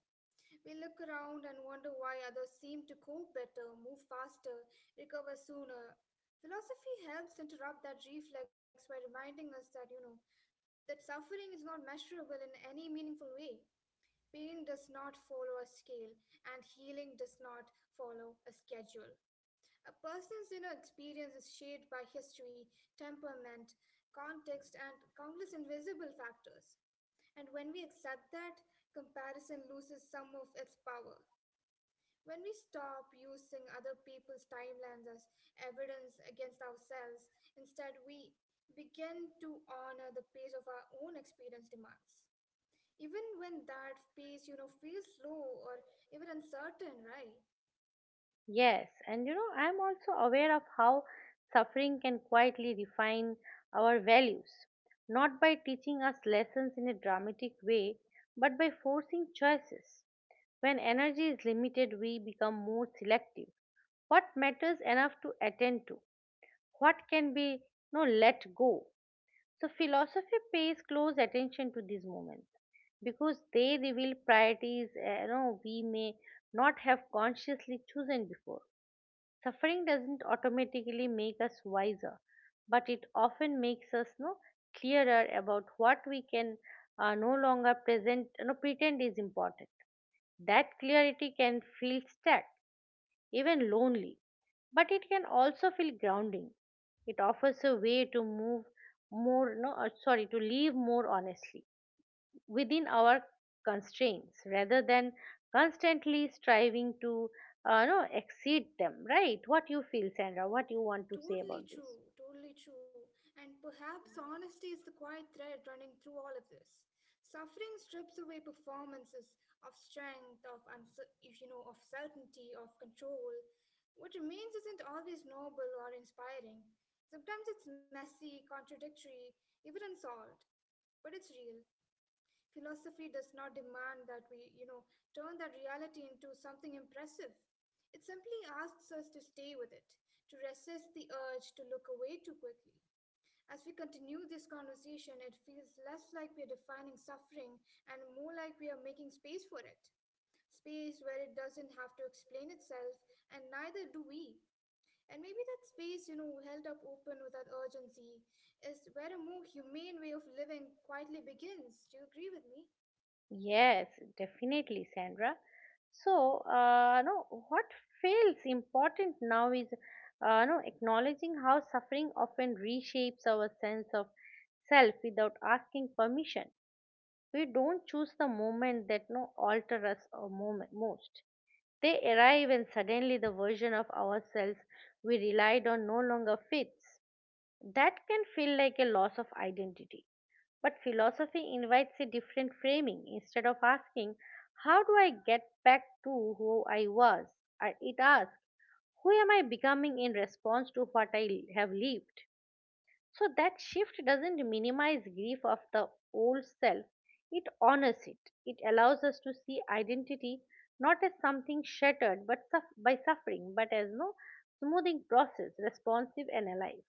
We look around and wonder why others seem to cope better, move faster, recover sooner. Philosophy helps interrupt that reflex by reminding us that, you know, that suffering is not measurable in any meaningful way. Pain does not follow a scale, and healing does not follow a schedule. A person's inner experience is shaped by history, temperament, context, and countless invisible factors. And when we accept that, comparison loses some of its power. When we stop using other people's timelines as evidence against ourselves, instead we begin to honor the pace of our own experience demands. Even when that pace, feels slow or even uncertain, right? Yes, and I'm also aware of how suffering can quietly refine our values, not by teaching us lessons in a dramatic way, but by forcing choices. When energy is limited, we become more selective what matters enough to attend to, what can be no let go. So philosophy pays close attention to these moments because they reveal priorities we may not have consciously chosen before. Suffering doesn't automatically make us wiser, but it often makes us no clearer about what we can no longer present no pretend is important. That clarity can feel stuck, even lonely, but it can also feel grounding. It offers a way to move more, no, sorry, to live more honestly within our constraints rather than constantly striving to no, exceed them, right? What you feel, Sandra? What you want to say Totally about this? true, totally true. And perhaps honesty is the quiet thread running through all of this. Suffering strips away performances of strength, of uncer- if you know, of certainty, of control. What remains isn't always noble or inspiring. Sometimes it's messy, contradictory, even unsolved. But it's real. Philosophy does not demand that we turn that reality into something impressive. It simply asks us to stay with it, to resist the urge to look away too quickly. As we continue this conversation, it feels less like we're defining suffering and more like we are making space for it. Space where it doesn't have to explain itself, and neither do we. And maybe that space, held up open without urgency, is where a more humane way of living quietly begins. Do you agree with me? Yes, definitely, Sandra. So, no, What feels important now is, no, acknowledging how suffering often reshapes our sense of self without asking permission. We don't choose the moment that no alter us a moment most. They arrive, and suddenly the version of ourselves we relied on no longer fits. That can feel like a loss of identity, but philosophy invites a different framing. Instead of asking, "How do I get back to who I was?" It asks, "Who am I becoming in response to what I have lived?" So that shift doesn't minimize grief of the old self, it honors it. It allows us to see identity not as something shattered but suff by suffering, but as no smoothing process, responsive and alive.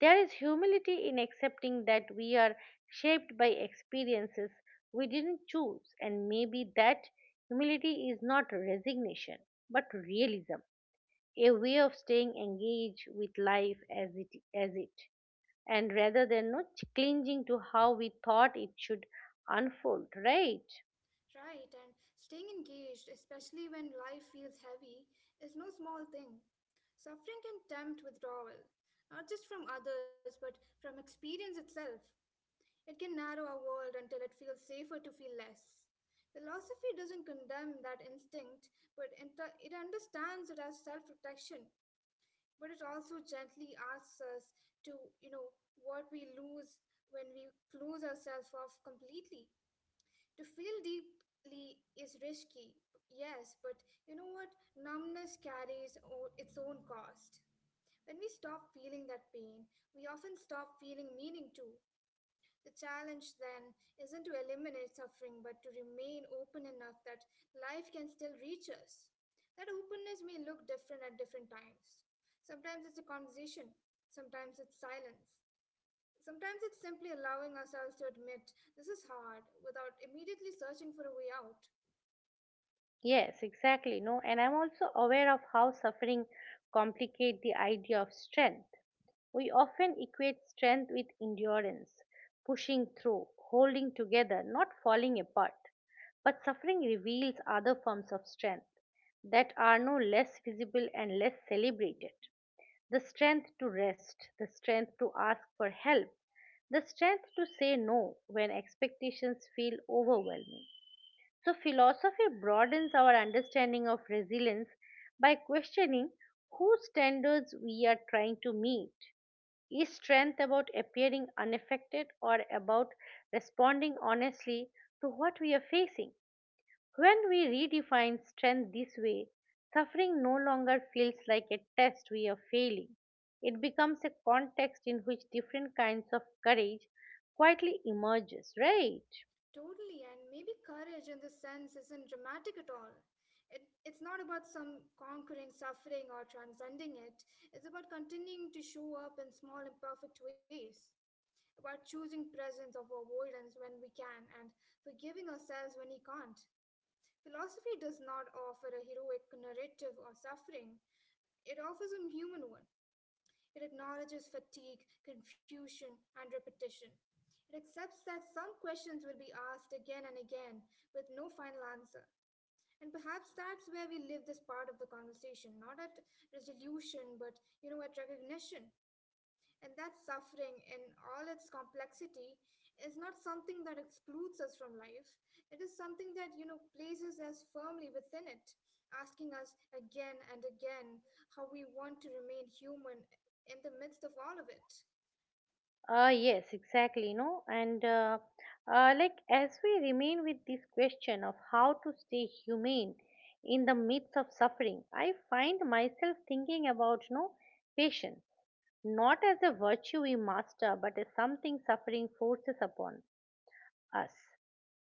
There is humility in accepting that we are shaped by experiences we didn't choose, and maybe that humility is not resignation but realism, a way of staying engaged with life as it, and rather than not clinging to how we thought it should unfold, right? Right, and staying engaged, especially when life feels heavy, is no small thing. Suffering can tempt withdrawal, not just from others, but from experience itself. It can narrow our world until it feels safer to feel less. Philosophy doesn't condemn that instinct, but it understands it as self-protection. But it also gently asks us to, you know, what we lose when we close ourselves off completely. To feel deeply is risky, yes, but you know what? Numbness carries its own cost. When we stop feeling that pain, we often stop feeling meaning too. The challenge then isn't to eliminate suffering, but to remain open enough that life can still reach us. That openness may look different at different times. Sometimes it's a conversation, sometimes it's silence, sometimes it's simply allowing ourselves to admit this is hard without immediately searching for a way out. Yes, exactly. No, and I'm also aware of how suffering complicate the idea of strength. We often equate strength with endurance, pushing through, holding together, not falling apart. But suffering reveals other forms of strength that are no less visible and less celebrated. The strength to rest, the strength to ask for help, the strength to say no when expectations feel overwhelming. So, philosophy broadens our understanding of resilience by questioning whose standards we are trying to meet. Is strength about appearing unaffected, or about responding honestly to what we are facing? When we redefine strength this way, suffering no longer feels like a test we are failing. It becomes a context in which different kinds of courage quietly emerges, right? Totally, and maybe courage in this sense isn't dramatic at all. It's not about some conquering suffering or transcending it. It's about continuing to show up in small, imperfect ways. About choosing presence over avoidance when we can, and forgiving ourselves when we can't. Philosophy does not offer a heroic narrative or suffering, it offers a human one. It acknowledges fatigue, confusion, and repetition. It accepts that some questions will be asked again and again with no final answer. And perhaps that's where we live this part of the conversation, not at resolution, but you know, at recognition. And that suffering, in all its complexity, is not something that excludes us from life. It is something that, you know, places us firmly within it, asking us again and again how we want to remain human in the midst of all of it. Yes, exactly. No, and like As we remain with this question of how to stay humane in the midst of suffering, I find myself thinking about patience, not as a virtue we master, but as something suffering forces upon us.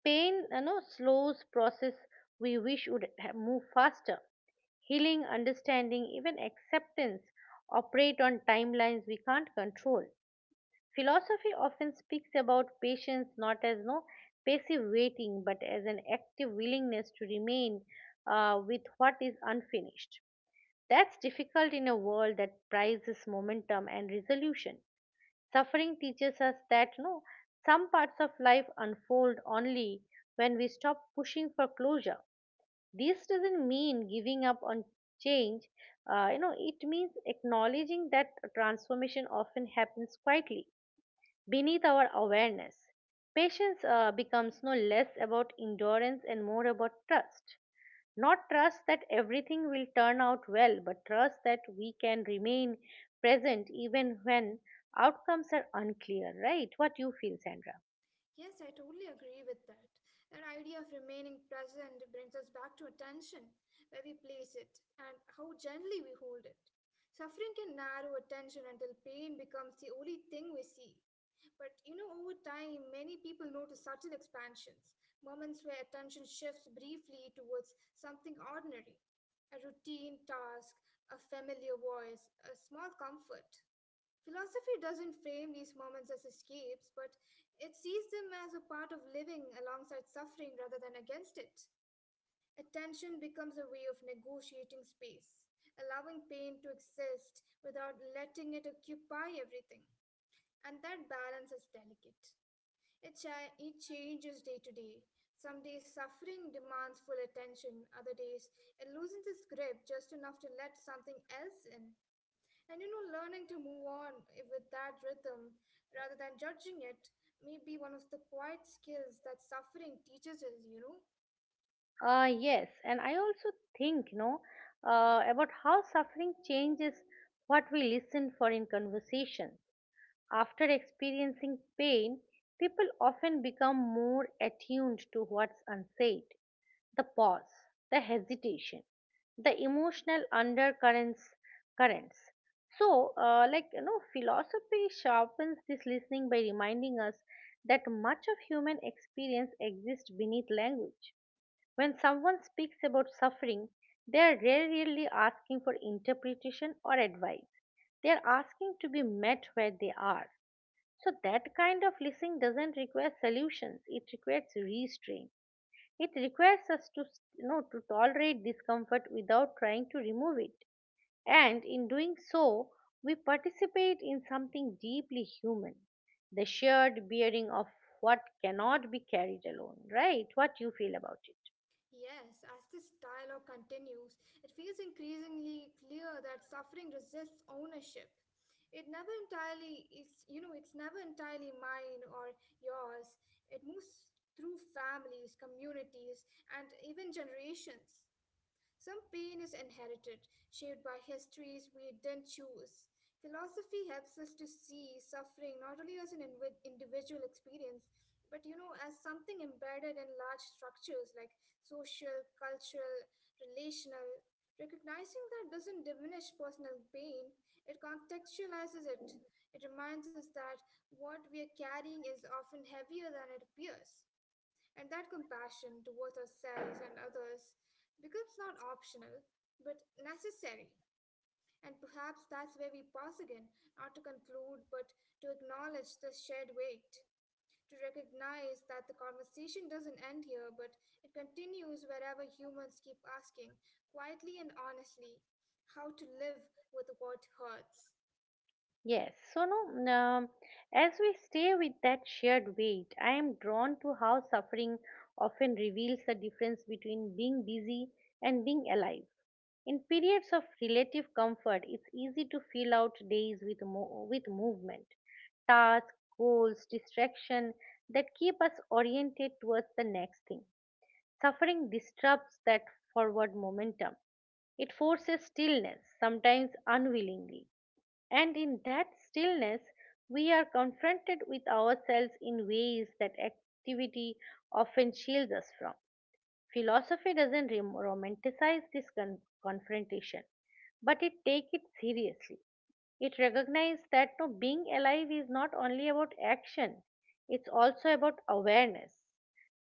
Pain, you know, slows process we wish would move faster. Healing, understanding, even acceptance operate on timelines we can't control. Philosophy often speaks about patience not as no passive waiting, but as an active willingness to remain with what is unfinished. That's difficult in a world that prizes momentum and resolution. Suffering teaches us that no, some parts of life unfold only when we stop pushing for closure. This doesn't mean giving up on change. It means acknowledging that transformation often happens quietly beneath our awareness. Patience becomes no less about endurance and more about trust. Not trust that everything will turn out well, but trust that we can remain present even when outcomes are unclear, right? What you feel, Sandra? Yes, I totally agree with that. That idea of remaining present brings us back to attention, where we place it, and how gently we hold it. Suffering can narrow attention until pain becomes the only thing we see. But you know, over time, many people notice subtle expansions, moments where attention shifts briefly towards something ordinary, a routine task, a familiar voice, a small comfort. Philosophy doesn't frame these moments as escapes, but it sees them as a part of living alongside suffering rather than against it. Attention becomes a way of negotiating space, allowing pain to exist without letting it occupy everything. And that balance is delicate. It changes day to day. Some days suffering demands full attention, other days it loosens its grip just enough to let something else in. And you know, learning to move on with that rhythm rather than judging it may be one of the quiet skills that suffering teaches us, you know? Yes, and I also think, about how suffering changes what we listen for in conversation. After experiencing pain, people often become more attuned to what's unsaid, the pause, the hesitation, the emotional undercurrents. Currents. Philosophy sharpens this listening by reminding us that much of human experience exists beneath language. When someone speaks about suffering, they are rarely asking for interpretation or advice. They are asking to be met where they are. So, that kind of listening doesn't require solutions, it requires restraint. It requires us to, you know, to tolerate discomfort without trying to remove it. And in doing so, we participate in something deeply human, the shared bearing of what cannot be carried alone, right? What you feel about it? Yes, as this dialogue continues, it feels increasingly clear that suffering resists ownership. It's never entirely mine or yours. It moves through families, communities, and even generations. Some pain is inherited, shaped by histories we didn't choose. Philosophy helps us to see suffering not only as an individual experience, but you know, as something embedded in large structures like social, cultural, relational. Recognizing that doesn't diminish personal pain, it contextualizes it. It reminds us that what we are carrying is often heavier than it appears. And that compassion towards ourselves and others becomes not optional, but necessary. And perhaps that's where we pause again, not to conclude, but to acknowledge the shared weight, to recognize that the conversation doesn't end here, but it continues wherever humans keep asking, quietly and honestly, how to live with what hurts. Yes, so no, As we stay with that shared weight, I am drawn to how suffering often reveals the difference between being busy and being alive. In periods of relative comfort, it's easy to fill out days with, with movement, tasks, goals, distraction that keep us oriented towards the next thing. Suffering disrupts that forward momentum. It forces stillness, sometimes unwillingly, and in that stillness, we are confronted with ourselves in ways that activity often shields us from. Philosophy doesn't romanticize this confrontation, but it takes it seriously. It recognizes that being alive is not only about action, it's also about awareness.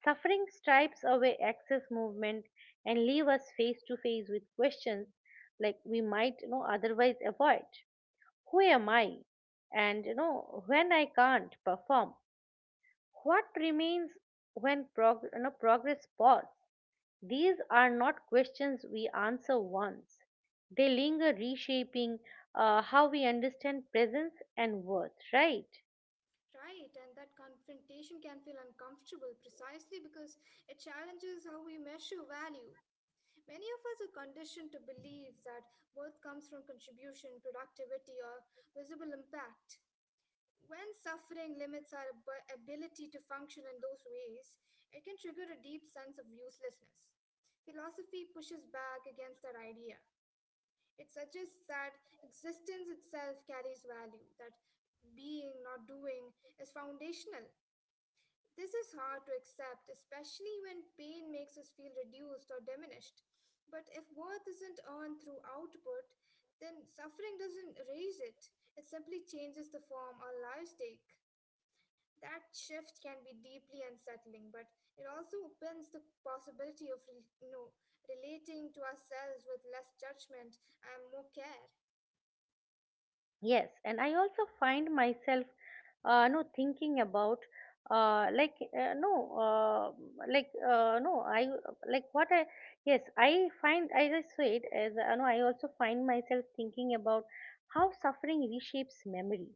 Suffering stripes away access movement and leave us face to face with questions like we might, you know, otherwise avoid. Who am I? And, you know, when I can't perform, what remains when progress pause? These are not questions we answer once. They linger, reshaping how we understand presence and worth, right? Right, and that confrontation can feel uncomfortable precisely because it challenges how we measure value. Many of us are conditioned to believe that worth comes from contribution, productivity, or visible impact. When suffering limits our ability to function in those ways, it can trigger a deep sense of uselessness. Philosophy pushes back against that idea. It suggests that existence itself carries value, that being, not doing, is foundational. This is hard to accept, especially when pain makes us feel reduced or diminished. But if worth isn't earned through output, then suffering doesn't erase it, it simply changes the form our lives take. That shift can be deeply unsettling, but it also opens the possibility of relating to ourselves with less judgment and more care. Yes, and I also find myself, no, thinking about, like, no, like, no, I like what I, yes, I find, as I said, I also find myself thinking about how suffering reshapes memory.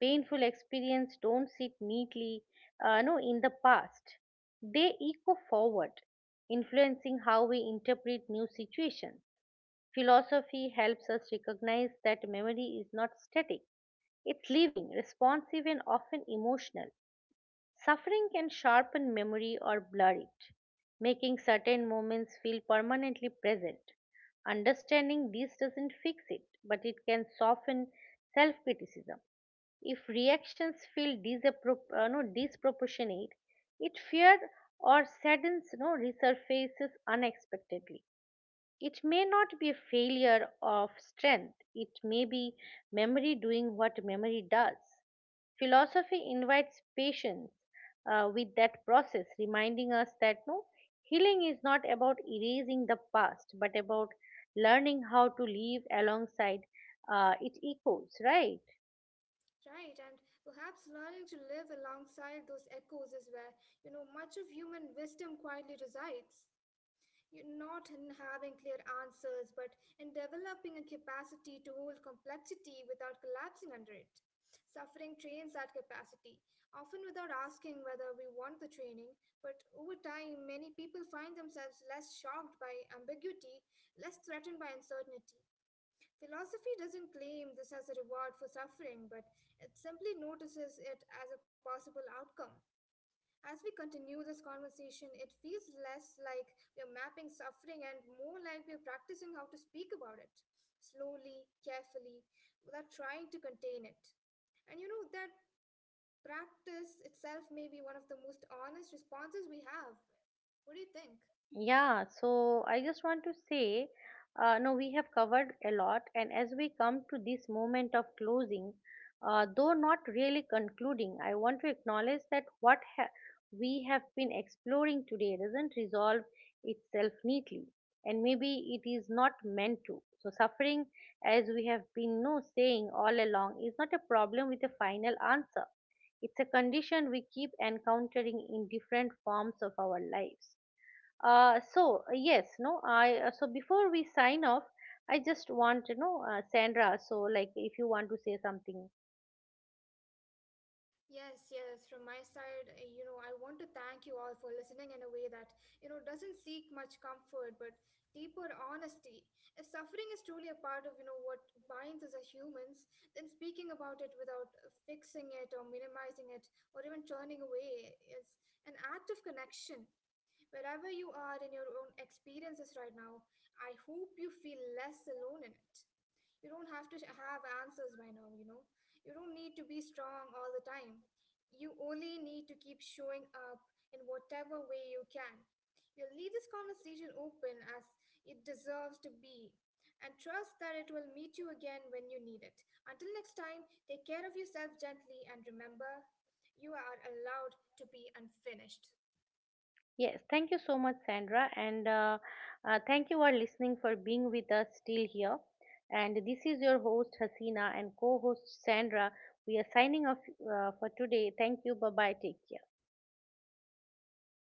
Painful experience don't sit neatly, no, in the past. They echo forward, influencing how we interpret new situations. Philosophy helps us recognize that memory is not static. It's living, responsive, and often emotional. Suffering can sharpen memory or blur it, making certain moments feel permanently present. Understanding this doesn't fix it, but it can soften self criticism. If reactions feel disappro- no, disproportionate, it fear or saddens no, resurfaces unexpectedly. It may not be a failure of strength, it may be memory doing what memory does. Philosophy invites patience with that process, reminding us that healing is not about erasing the past but about learning how to live alongside its echoes, right? Right, and perhaps learning to live alongside those echoes is where, you know, much of human wisdom quietly resides. You not in having clear answers, but in developing a capacity to hold complexity without collapsing under it. Suffering trains that capacity, often without asking whether we want the training, but over time, many people find themselves less shocked by ambiguity, less threatened by uncertainty. Philosophy doesn't claim this as a reward for suffering, but it simply notices it as a possible outcome. As we continue this conversation, it feels less like we're mapping suffering and more like we're practicing how to speak about it slowly, carefully, without trying to contain it. And you know, that practice itself may be one of the most honest responses we have. What do you think? I just want to say, no, we have covered a lot, and as we come to this moment of closing, though not really concluding, I want to acknowledge that we have been exploring today doesn't resolve itself neatly, and maybe it is not meant to. So, suffering, as we have been no saying all along, is not a problem with a final answer. It's a condition we keep encountering in different forms of our lives. Uh, so uh, yes, no, I uh, so before we sign off, I just want to know, Sandra. So like, if you want to say something, Yes, yes, from my side, you know, I want to thank you all for listening in a way that, you know, doesn't seek much comfort but deeper honesty. If suffering is truly a part of, you know, what binds us as humans, then speaking about it without fixing it or minimizing it or even turning away is an act of connection. Wherever you are in your own experiences right now, I hope you feel less alone in it. You don't have to have answers by now, you know. You don't need to be strong all the time. You only need to keep showing up in whatever way you can. We'll leave this conversation open as it deserves to be and trust that it will meet you again when you need it. Until next time, take care of yourself gently and remember you are allowed to be unfinished. yes, thank you so much, Sandra, and thank you all listening for being with us still here. And this is your host Hasina and co-host Sandra. We are signing off for today. Thank you. Bye bye. Take care.